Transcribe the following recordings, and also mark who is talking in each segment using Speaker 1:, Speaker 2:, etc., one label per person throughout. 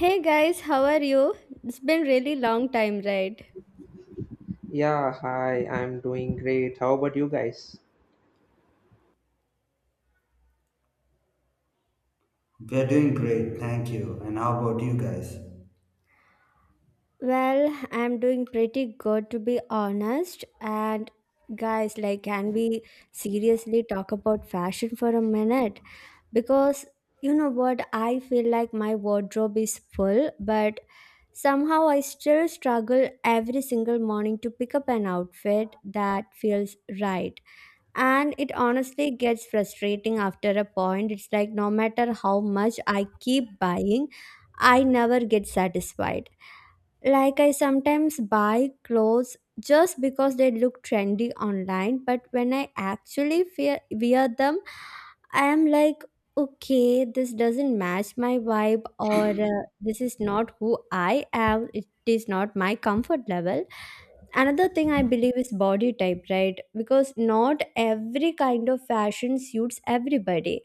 Speaker 1: Hey guys, how are you? It's been really long time, right?
Speaker 2: Yeah, hi, I'm doing great. How about you guys?
Speaker 3: We're doing great, thank you. And how about you guys?
Speaker 1: Well, I'm doing pretty good to be honest. And guys, like can we seriously talk about fashion for a minute? Because you know what, I feel like my wardrobe is full, but somehow I still struggle every single morning to pick up an outfit that feels right. And it honestly gets frustrating after a point. It's like, no matter how much I keep buying, I never get satisfied. Like, I sometimes buy clothes just because they look trendy online, but when I actually wear them, I am like, okay, this doesn't match my vibe, or this is not who I am, it is not my comfort level. Another thing I believe is body type, right? Because not every kind of fashion suits everybody,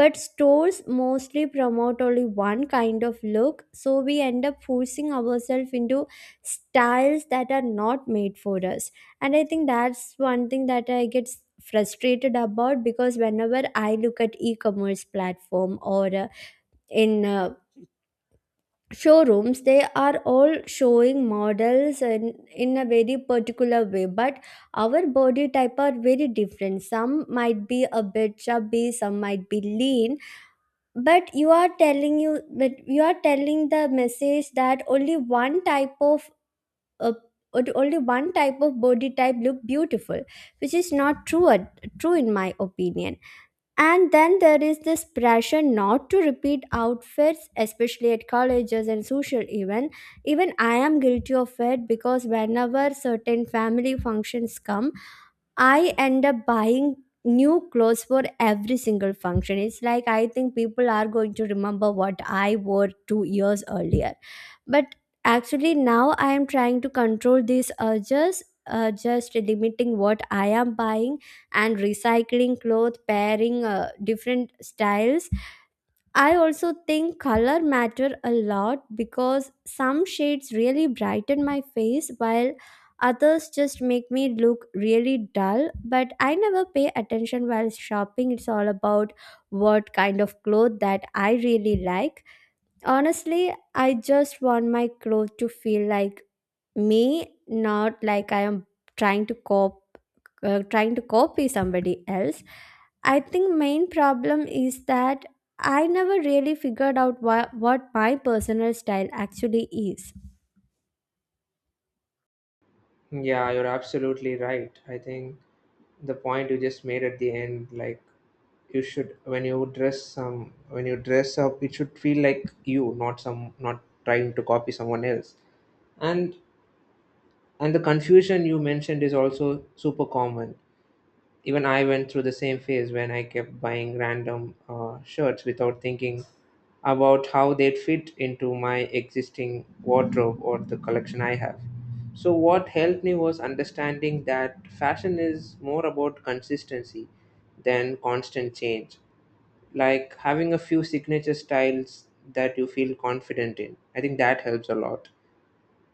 Speaker 1: but stores mostly promote only one kind of look, so we end up forcing ourselves into styles that are not made for us. And I think that's one thing that I get frustrated about, because whenever I look at e-commerce platform or in showrooms, they are all showing models in a very particular way. But our body type are very different, some might be a bit chubby, some might be lean. But you are telling the message that only one type of uh, body type look beautiful, which is not true in my opinion. And then there is this pressure not to repeat outfits, especially at colleges and social event. Even I am guilty of it because whenever certain family functions come, I end up buying new clothes for every single function. It's like I think people are going to remember what I wore 2 years earlier. But actually, now I am trying to control these urges, just limiting what I am buying and recycling cloth pairing different styles. I also think color matter a lot, because some shades really brighten my face while others just make me look really dull. But I never pay attention while shopping. It's all about what kind of cloth that I really like. Honestly, I just want my clothes to feel like me, not like I am trying to cop trying to copy somebody else. I think main problem is that I never really figured out what my personal style actually is.
Speaker 2: Yeah, you're absolutely right. I think the point you just made at the end, like you should when you dress some when you dress up, it should feel like you, not trying to copy someone else. And and the confusion you mentioned is also super common. Even I went through the same phase when I kept buying random shirts without thinking about how they'd fit into my existing wardrobe or the collection I have. So, what helped me was understanding that fashion is more about consistency than constant change. Like having a few signature styles that you feel confident in. I think that helps a lot.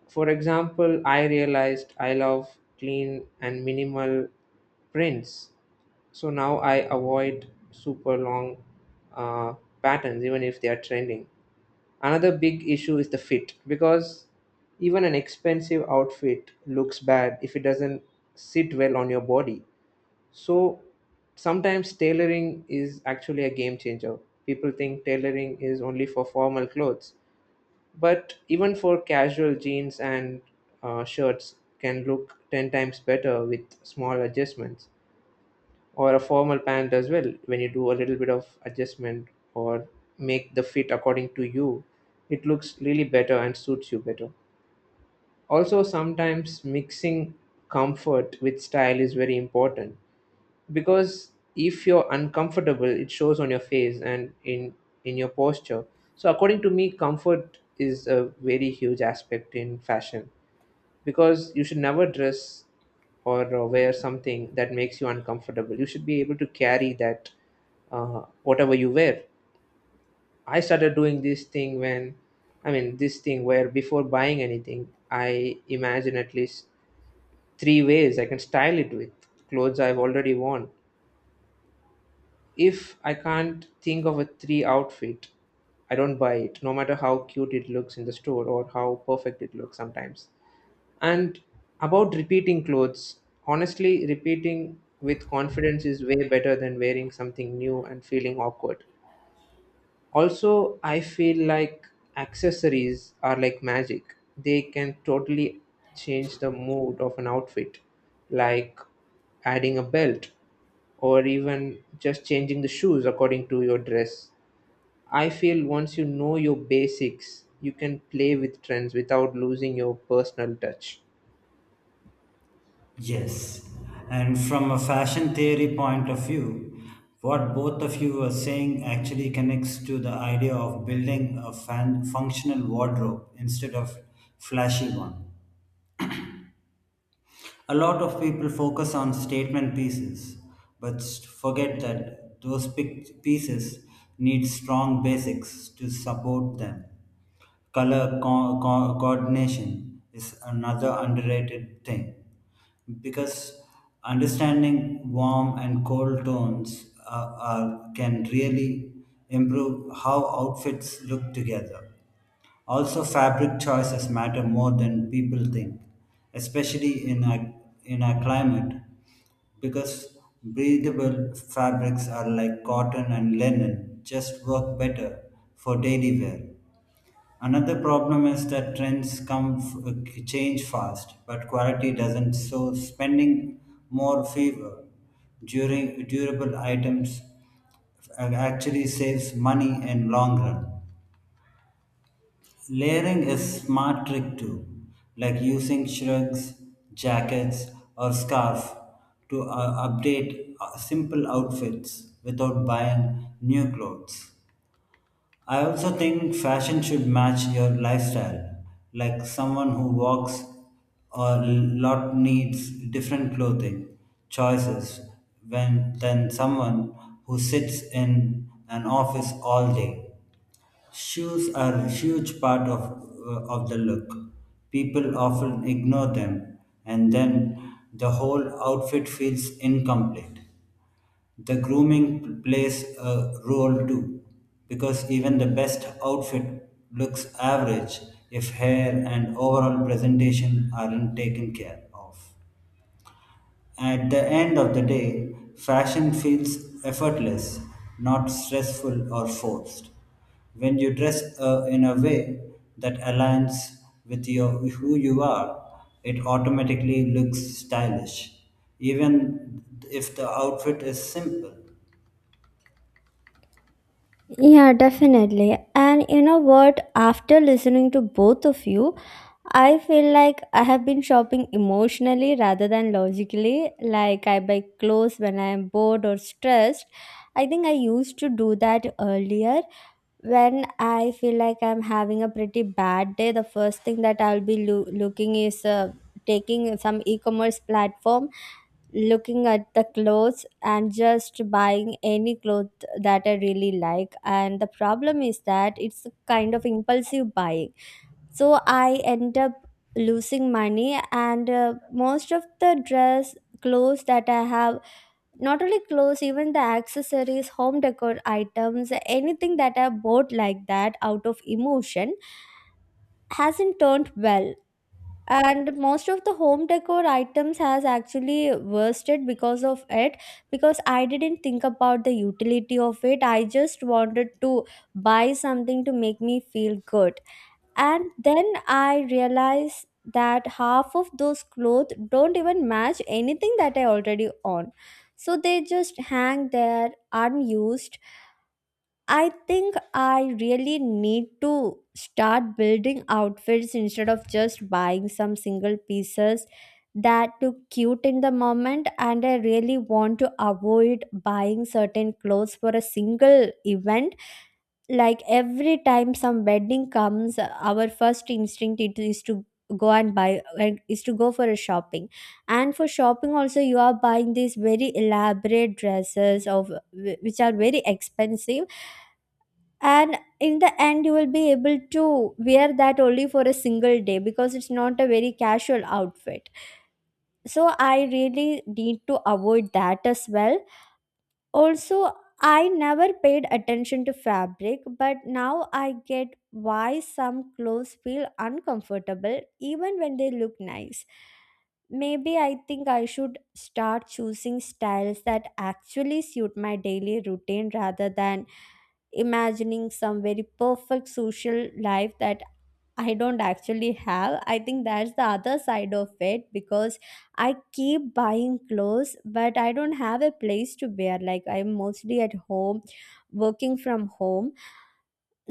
Speaker 2: For example, I realized I love clean and minimal prints, so now I avoid super long uh, patterns, even if they are trending. Another big issue is the fit, because even an expensive outfit looks bad if it doesn't sit well on your body. So sometimes tailoring is actually a game changer. People think tailoring is only for formal clothes, but even for casual jeans and shirts can look 10 times better with small adjustments, or a formal pant as well when you do a little bit of adjustment or make the fit according to you, it looks really better and suits you better. Also, sometimes mixing comfort with style is very important, because if you're uncomfortable it shows on your face and in your posture. So according to me, comfort is a very huge aspect in fashion, because you should never dress or wear something that makes you uncomfortable. You should be able to carry that, whatever you wear. I started doing this thing when, I mean, this thing where before buying anything, I imagine at least three ways I can style it with clothes I've already worn. If I can't think of a three outfit, I don't buy it, no matter how cute it looks in the store or how perfect it looks sometimes. And about repeating clothes, honestly, repeating with confidence is way better than wearing something new and feeling awkward. Also, I feel like accessories are like magic. They can totally change the mood of an outfit, like adding a belt or even just changing the shoes according to your dress. I feel once you know your basics, you can play with trends without losing your personal touch.
Speaker 3: Yes. And from a fashion theory point of view, what both of you are saying actually connects to the idea of building a functional wardrobe instead of flashy one. A lot of people focus on statement pieces, but forget that those pieces need strong basics to support them. Color coordination is another underrated thing because understanding warm and cold tones can really improve how outfits look together. Also, fabric choices matter more than people think, especially in in our climate, because breathable fabrics are like cotton and linen just work better for daily wear. Another problem is that trends change fast, but quality doesn't. So, spending more favor during durable items actually saves money in long run. Layering is smart trick too, like using shrugs, jackets, or scarf to update simple outfits without buying new clothes. I also think fashion should match your lifestyle, like someone who walks a lot needs different clothing choices when than someone who sits in an office all day. Shoes are a huge part of the look. People often ignore them, and then the whole outfit feels incomplete. The grooming plays a role too, because even the best outfit looks average if hair and overall presentation aren't taken care of. At the end of the day, fashion feels effortless, not stressful or forced. When you dress in a way that aligns with who you are, it automatically looks stylish, even if the outfit is simple.
Speaker 1: Yeah, definitely. And you know what? After listening to both of you, I feel like I have been shopping emotionally rather than logically. Like, I buy clothes when I am bored or stressed. I think I used to do that earlier, when I feel like I'm having a pretty bad day, the first thing that I'll be looking is taking some e-commerce platform, looking at the clothes and just buying any cloth that I really like. And the problem is that it's a kind of impulsive buying. So I end up losing money, and most of the dress clothes that I have, not only clothes, even the accessories, home decor items, anything that I bought like that out of emotion hasn't turned well. And most of the home decor items has actually worsted because of it, because I didn't think about the utility of it. I just wanted to buy something to make me feel good, and then I realized that half of those clothes don't even match anything that I already own, so they just hang there unused. I think I really need to start building outfits instead of just buying some single pieces that look cute in the moment. And I really want to avoid buying certain clothes for a single event. Like, every time some wedding comes, our first instinct it is to go and buy like, is to go for a shopping. And for shopping also you are buying these very elaborate dresses of which are very expensive, and in the end you will be able to wear that only for a single day because it's not a very casual outfit. So I really need to avoid that as well. Also, I never paid attention to fabric, but now I get why some clothes feel uncomfortable even when they look nice. Maybe I think I should start choosing styles that actually suit my daily routine rather than imagining some very perfect social life that I don't actually have. I think that's the other side of it because I keep buying clothes, but I don't have a place to wear. Like, I'm mostly at home, working from home.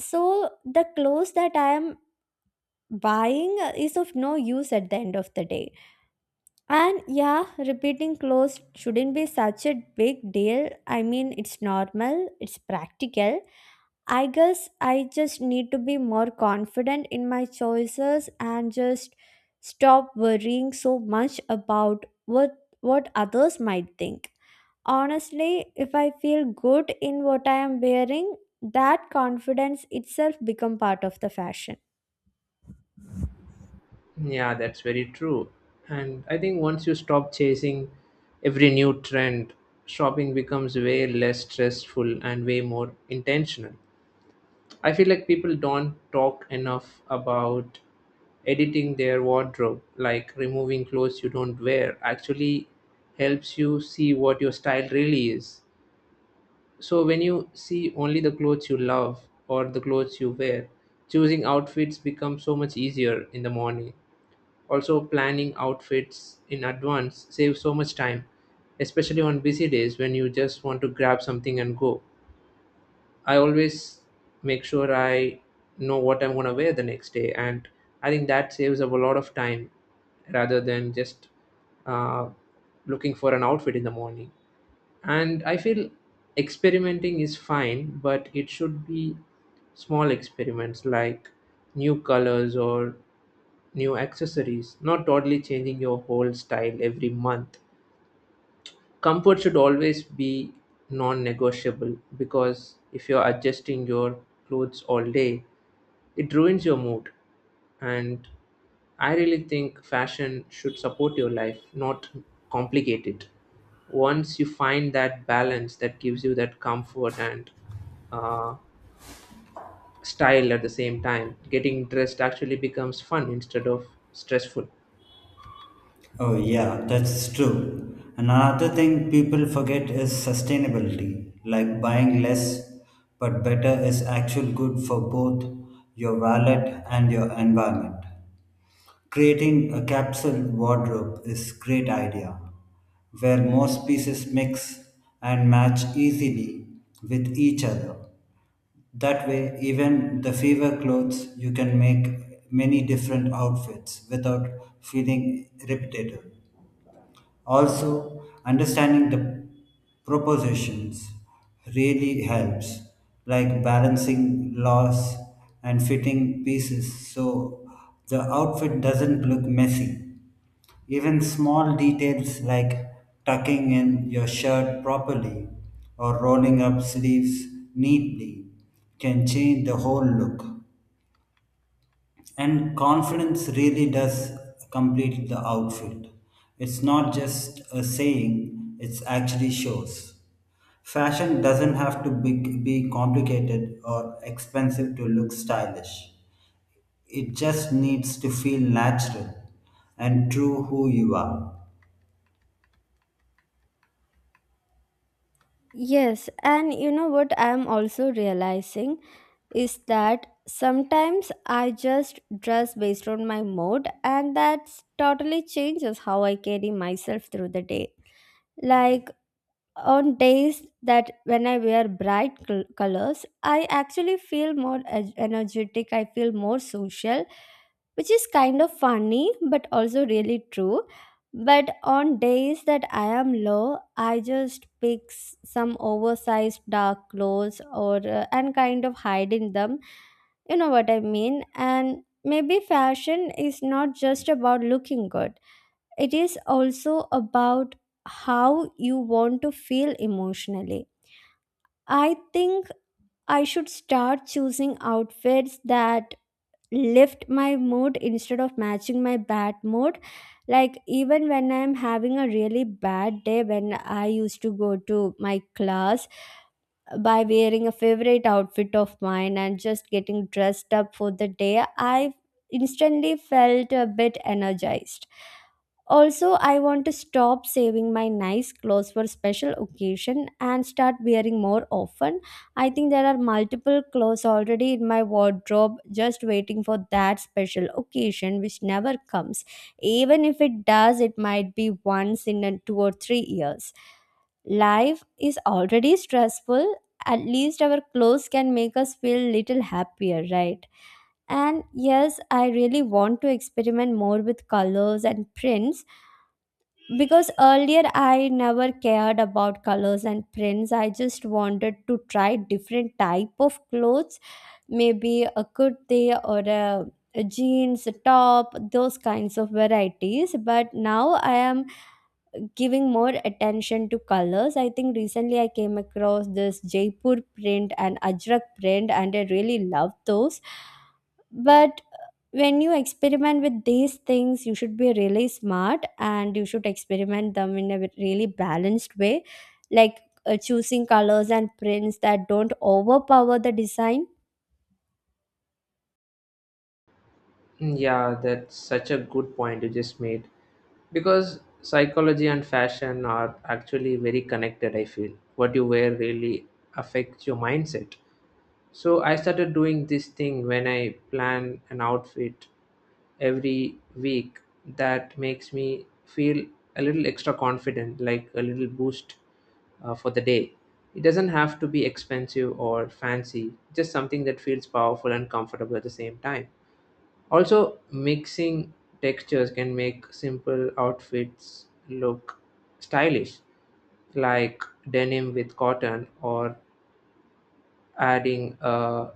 Speaker 1: So, the clothes that I am buying is of no use at the end of the day. And yeah, repeating clothes shouldn't be such a big deal. I mean, it's normal, it's practical. I guess I just need to be more confident in my choices and just stop worrying so much about what others might think. Honestly, if I feel good in what I am wearing, that confidence itself become part of the fashion.
Speaker 2: Yeah, that's very true. And I think once you stop chasing every new trend, shopping becomes way less stressful and way more intentional. I feel like people don't talk enough about editing their wardrobe, like removing clothes you don't wear, actually helps you see what your style really is. So when you see only the clothes you love or the clothes you wear, choosing outfits becomes so much easier in the morning. Also, planning outfits in advance saves so much time, especially on busy days when you just want to grab something and go. I always make sure I know what I'm going to wear the next day, and I think that saves up a lot of time rather than just uh, looking for an outfit in the morning. And I feel experimenting is fine, but it should be small experiments like new colors or new accessories, not totally changing your whole style every month. Comfort should always be non negotiable, because if you're adjusting your clothes all day, it ruins your mood. And I really think fashion should support your life, not complicate it. Once you find that balance that gives you that comfort and uh, style at the same time, getting dressed actually becomes fun instead of stressful.
Speaker 3: Oh, yeah, that's true. And another thing people forget is sustainability, like buying less but better is actually good for both your wallet and your environment. Creating a capsule wardrobe is great idea, where most pieces mix and match easily with each other. That way, even the fever clothes, you can make many different outfits without feeling repetitive. Also, understanding the propositions really helps, like balancing loss and fitting pieces so the outfit doesn't look messy. Even small details like tucking in your shirt properly or rolling up sleeves neatly can change the whole look. And confidence really does complete the outfit. It's not just a saying, it actually shows. Fashion doesn't have be complicated or expensive to look stylish. It just needs to feel natural and true who you are.
Speaker 1: Yes, and you know what I am also realizing is that sometimes I just dress based on my mood, and that totally changes how I carry myself through the day. Like, on days that when I wear bright colors, I actually feel more energetic, I feel more social, which is kind of funny but also really true. But on days that I am low, I just pick some oversized dark clothes or and kind of hide in them. You know what I mean? And maybe fashion is not just about looking good, it is also about how you want to feel emotionally. I think I should start choosing outfits that lift my mood instead of matching my bad mood. Like, even when I'm having a really bad day, when I used to go to my class, by wearing a favorite outfit of mine and just getting dressed up for the day, I instantly felt a bit energized. Also, I want to stop saving my nice clothes for special occasion and start wearing more often. I think there are multiple clothes already in my wardrobe just waiting for that special occasion which never comes. Even if it does, it might be once in a 2 or 3 years. Life is already stressful, at least our clothes can make us feel little happier, right? And yes, I really want to experiment more with colors and prints, because earlier I never cared about colors and prints. I just wanted to try different type of clothes, maybe a kurti or a jeans, a top, those kinds of varieties. But now I am giving more attention to colors. I think recently I came across this Jaipur print and Ajrak print, and I really love those. But when you experiment with these things, you should be really smart and you should experiment them in a really balanced way, like choosing colors and prints that don't overpower the design.
Speaker 2: Yeah, that's such a good point you just made. Because psychology and fashion are actually very connected, I feel. What you wear really affects your mindset. So I started doing this thing when I plan an outfit every week that makes me feel a little extra confident, like a little boost for the day. It doesn't have to be expensive or fancy, just something that feels powerful and comfortable at the same time. Also, mixing textures can make simple outfits look stylish, like denim with cotton or adding a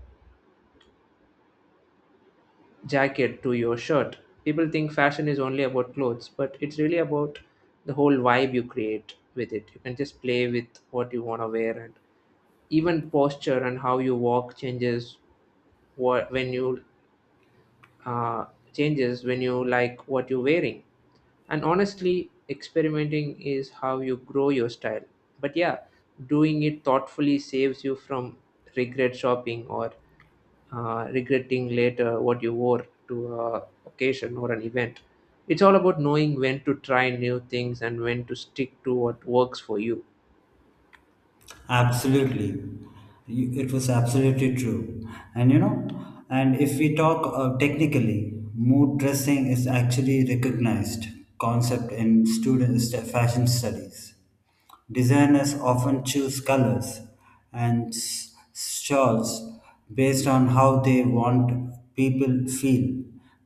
Speaker 2: jacket to your shirt. People think fashion is only about clothes, but it's really about the whole vibe you create with it. You can just play with what you want to wear, and even posture and how you walk what when you uh, changes when you like what you're wearing. And honestly, experimenting is how you grow your style. But yeah, doing it thoughtfully saves you from regret shopping or regretting later what you wore to a occasion or an event. It's all about knowing when to try new things and when to stick to what works for you.
Speaker 3: Absolutely. It was absolutely true. And you know, and if we talk technically, mood dressing is actually recognized concept in fashion studies. Designers often choose colors and shawls based on how they want people feel,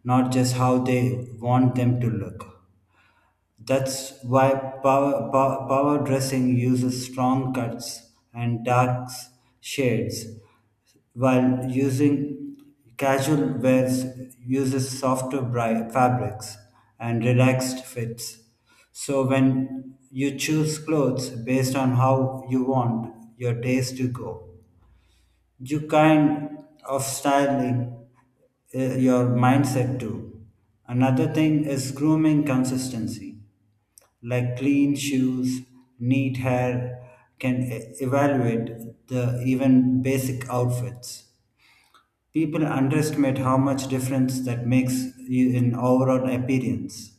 Speaker 3: not just how they want them to look. That's why power dressing uses strong cuts and dark shades, while using casual wears uses fabrics and relaxed fits. So when you choose clothes based on how you want your days to go, you kind of styling your mindset too. Another thing is grooming consistency, like clean shoes, neat hair can evaluate the even basic outfits. People underestimate how much difference that makes in overall appearance.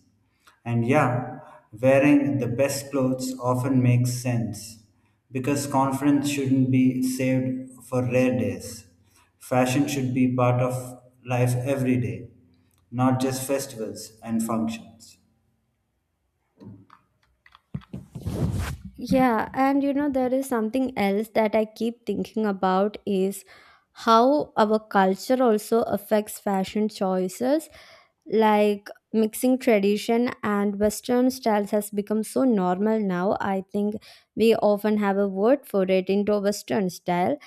Speaker 3: And yeah, wearing the best clothes often makes sense because confidence shouldn't be saved for rare days. Fashion should be part of life every day, not just festivals and functions.
Speaker 1: Yeah, and you know, there is something else that I keep thinking about is how our culture also affects fashion choices. Like, mixing tradition and Western styles has become so normal now. I think we often have a word for it, Indo Western style.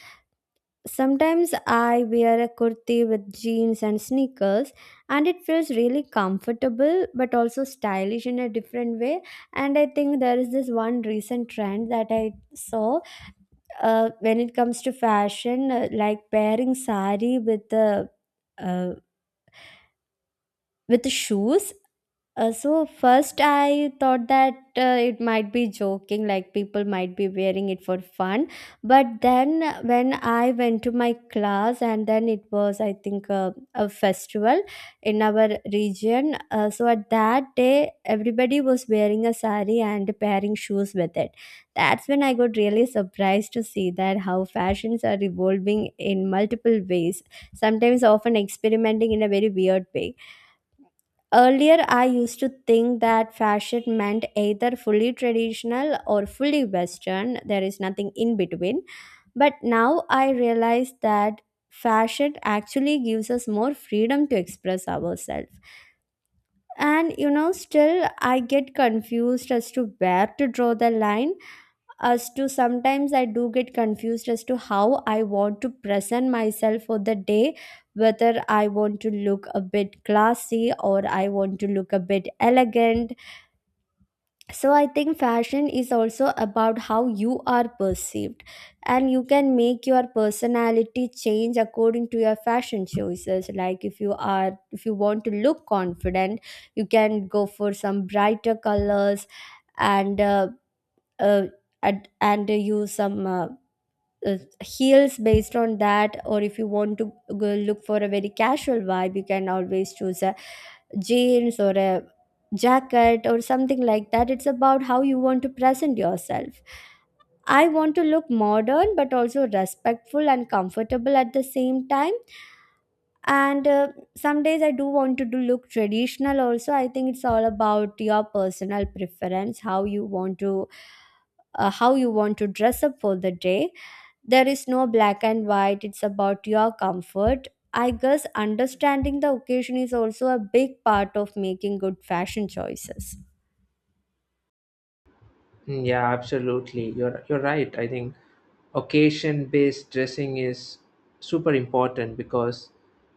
Speaker 1: Sometimes I wear a kurti with jeans and sneakers, and it feels really comfortable but also stylish in a different way. And I think there is this one recent trend that I saw, when it comes to fashion, like pairing sari with a uh, with shoes. So first I thought that it might be joking, like people might be wearing it for fun. But then when I went to my class, and then it was I think a festival in our region. So at that day, everybody was wearing a sari and pairing shoes with it. That's when I got really surprised to see that how fashions are evolving in multiple ways, sometimes often experimenting in a very weird way. Earlier, I used to think that fashion meant either fully traditional or fully Western, there is nothing in between. But now I realize that fashion actually gives us more freedom to express ourselves. And you know, still I get confused as to where to draw the line, as to sometimes I do get confused as to how I want to present myself for the day, whether I want to look a bit classy or I want to look a bit elegant. So I think fashion is also about how you are perceived, and you can make your personality change according to your fashion choices. Like if you want to look confident, you can go for some brighter colors and uh, uh, and use some uh, heels based on that. Or if you want to go look for a very casual vibe, you can always choose a jeans or a jacket or something like that. It's about how you want to present yourself. I want to look modern but also respectful and comfortable at the same time. And Some days I do want to do look traditional also. I think it's all about your personal preference, how you want to dress up for the day. There is no black and white, it's about your comfort. I guess understanding the occasion is also a big part of making good fashion choices.
Speaker 2: Yeah, absolutely. You're right. I think occasion-based dressing is super important because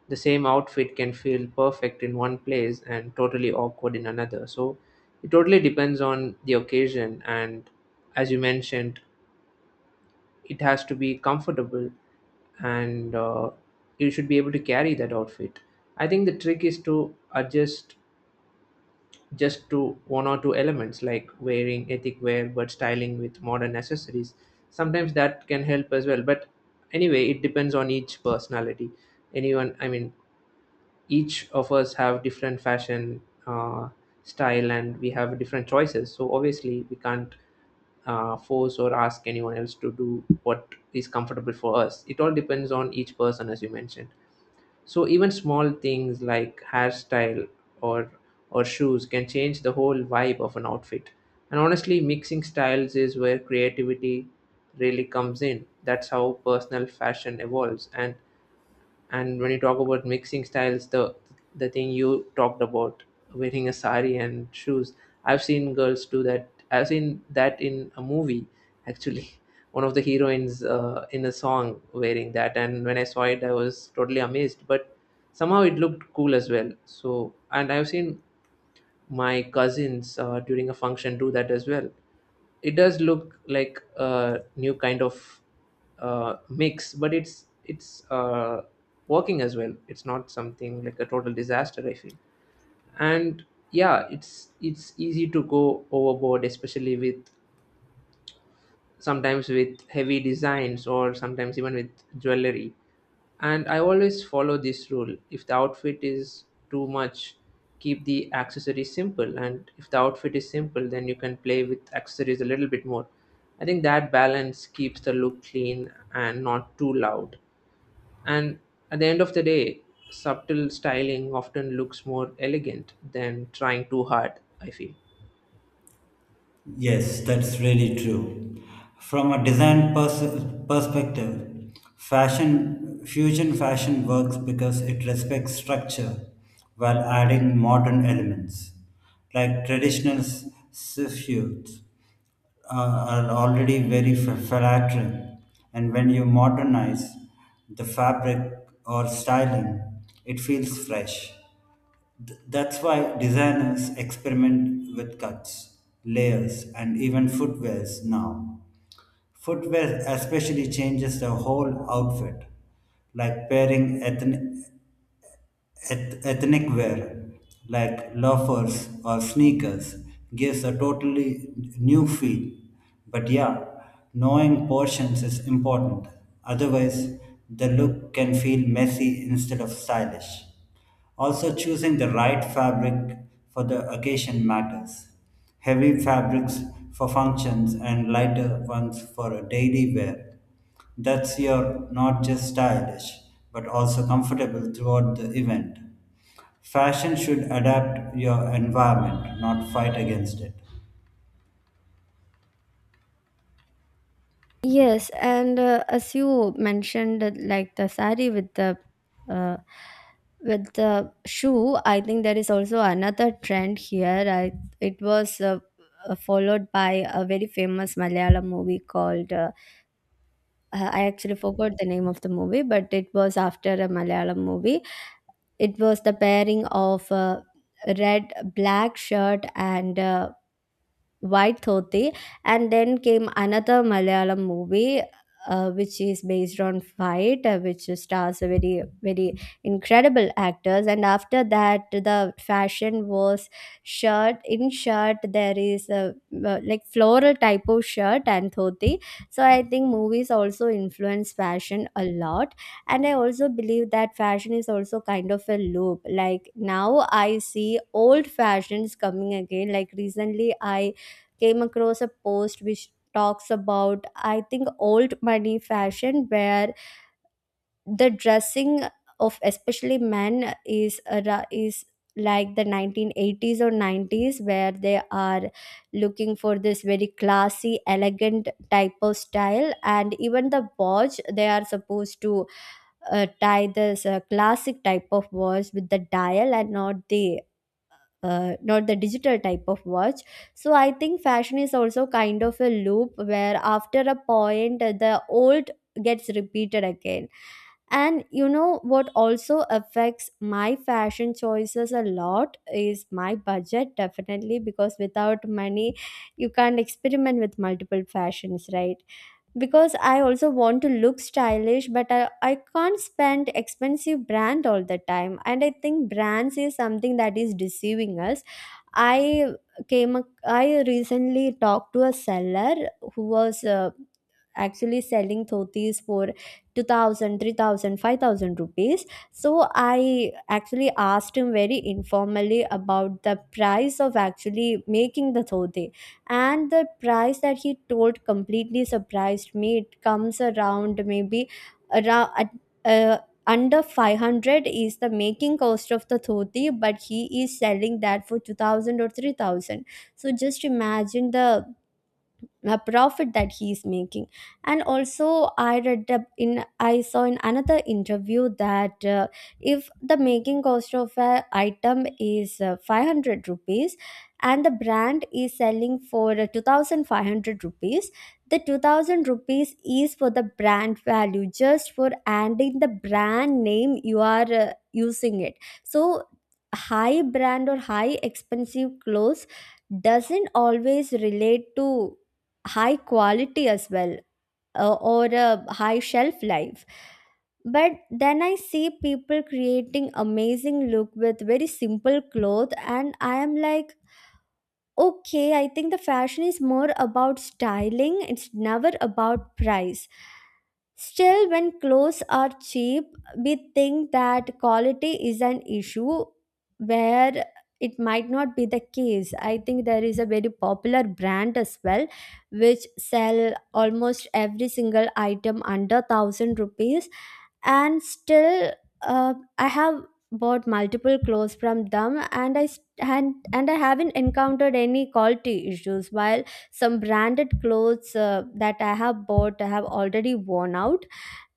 Speaker 2: the same outfit can feel perfect in one place and totally awkward in another. So it totally depends on the occasion, and as you mentioned, it has to be comfortable and you should be able to carry that outfit. I think the trick is to adjust just to one or two elements, like wearing ethic wear but styling with modern accessories. Sometimes that can help as well, but anyway, it depends on each personality. Anyone, I mean, each of us have different fashion uh, style, and we have different choices, so obviously we can't force or ask anyone else to do what is comfortable for us. It all depends on each person, as you mentioned. So even small things like hairstyle or shoes can change the whole vibe of an outfit. And honestly, mixing styles is where creativity really comes in. That's how personal fashion evolves. And when you talk about mixing styles, the thing you talked about wearing a sari and shoes, I've seen girls do that. I've seen that in a movie, actually. One of the heroines in a song wearing that, and when I saw it, I was totally amazed. But somehow it looked cool as well. So, and I've seen my cousins during a function do that as well. It does look like a new kind of mix, but it's working as well. It's not something like a total disaster, I feel. And yeah, it's easy to go overboard, especially with sometimes with heavy designs or sometimes even with jewelry. And I always follow this rule. If the outfit is too much, keep the accessories simple. And if the outfit is simple, then you can play with accessories a little bit more. I think that balance keeps the look clean and not too loud. And at the end of the day, subtle styling often looks more elegant than trying too hard, I feel.
Speaker 3: Yes, that's really true. From a design perspective, fashion fusion fashion works because it respects structure while adding modern elements. Like traditional suits are already very flattering, and when you modernize the fabric or styling, it feels fresh. That's why designers experiment with cuts, layers, and even footwears now. Footwear especially changes the whole outfit, like pairing ethnic wear, like loafers or sneakers, gives a totally new feel. But yeah, knowing portions is important, otherwise, the look can feel messy instead of stylish. Also, choosing the right fabric for the occasion matters. Heavy fabrics for functions and lighter ones for a daily wear. That's your not just stylish, but also comfortable throughout the event. Fashion should adapt your environment, not fight against it.
Speaker 1: Yes, and as you mentioned, like the sari with the uh, with the shoe, I think there is also another trend here. I it was followed by a very famous Malayalam movie called I actually forgot the name of the movie, but it was after a Malayalam movie. It was the pairing of a red black shirt and white dhoti, and then came another Malayalam movie, which is based on fight, which stars a very very incredible actors. And after that the fashion was shirt in shirt, there is a like floral type of shirt and dhoti. So I think movies also influence fashion a lot. And I also believe that fashion is also kind of a loop, like now I see old fashions coming again. Like recently I came across a post which talks about, I think, old money fashion, where the dressing of especially men is is like the 1980s or 90s, where they are looking for this very classy elegant type of style. And even the watch they are supposed to tie, this classic type of watch with the dial and not the not the digital type of watch. So I think fashion is also kind of a loop, where after a point the old gets repeated again. And you know what also affects my fashion choices a lot is my budget, definitely, because without money, you can't experiment with multiple fashions, right? Because I also want to look stylish, but I can't spend expensive brand all the time. And I think brands is something that is deceiving us. I I recently talked to a seller who was actually selling dhotis for 2,000, 3,000, 5,000 rupees. So I actually asked him very informally about the price of actually making the dhoti, and the price that he told completely surprised me. It comes around, maybe around, uh, under 500 is the making cost of the dhoti, but he is selling that for 2000 or 3000. So just imagine the a profit that he is making. And also I read up in I saw in another interview that if the making cost of an item is 500 rupees and the brand is selling for 2,500 rupees, the 2000 rupees is for the brand value. Just for adding the brand name you are using it. So high brand or high expensive clothes doesn't always relate to high quality as well, or a high shelf life. But then I see people creating amazing look with very simple cloth, and I am like, okay, I think the fashion is more about styling, it's never about price. Still, when clothes are cheap, we think that quality is an issue, where it might not be the case. I think there is a very popular brand as well which sell almost every single item under 1000 rupees, and still I have bought multiple clothes from them, and I haven't encountered any quality issues, while some branded clothes that I have bought I have already worn out.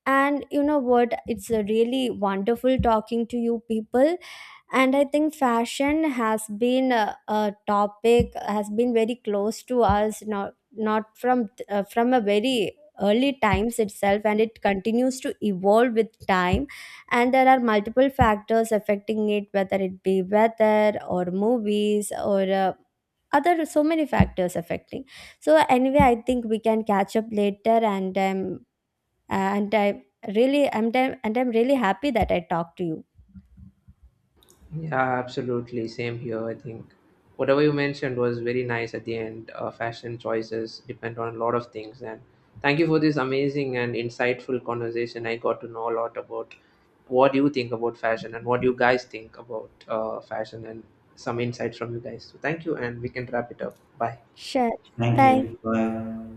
Speaker 1: And you know what, it's really wonderful talking to you people. And I think fashion has a topic has been very close to us, not not from from a very early times itself, and it continues to evolve with time. And there are multiple factors affecting it, whether it be weather or movies or other, so many factors affecting. So anyway, I think we can catch up later. And I really I'm, and I'm really happy that I talked to you.
Speaker 2: Yeah, absolutely. Same here, I think. Whatever you mentioned was very nice at the end. Fashion choices depend on a lot of things. And thank you for this amazing and insightful conversation. I got to know a lot about what you think about fashion and what you guys think about fashion, and some insights from you guys. So thank you, and we can wrap it up. Bye.
Speaker 1: Sure.
Speaker 3: Thank
Speaker 1: Bye.
Speaker 3: you. Bye.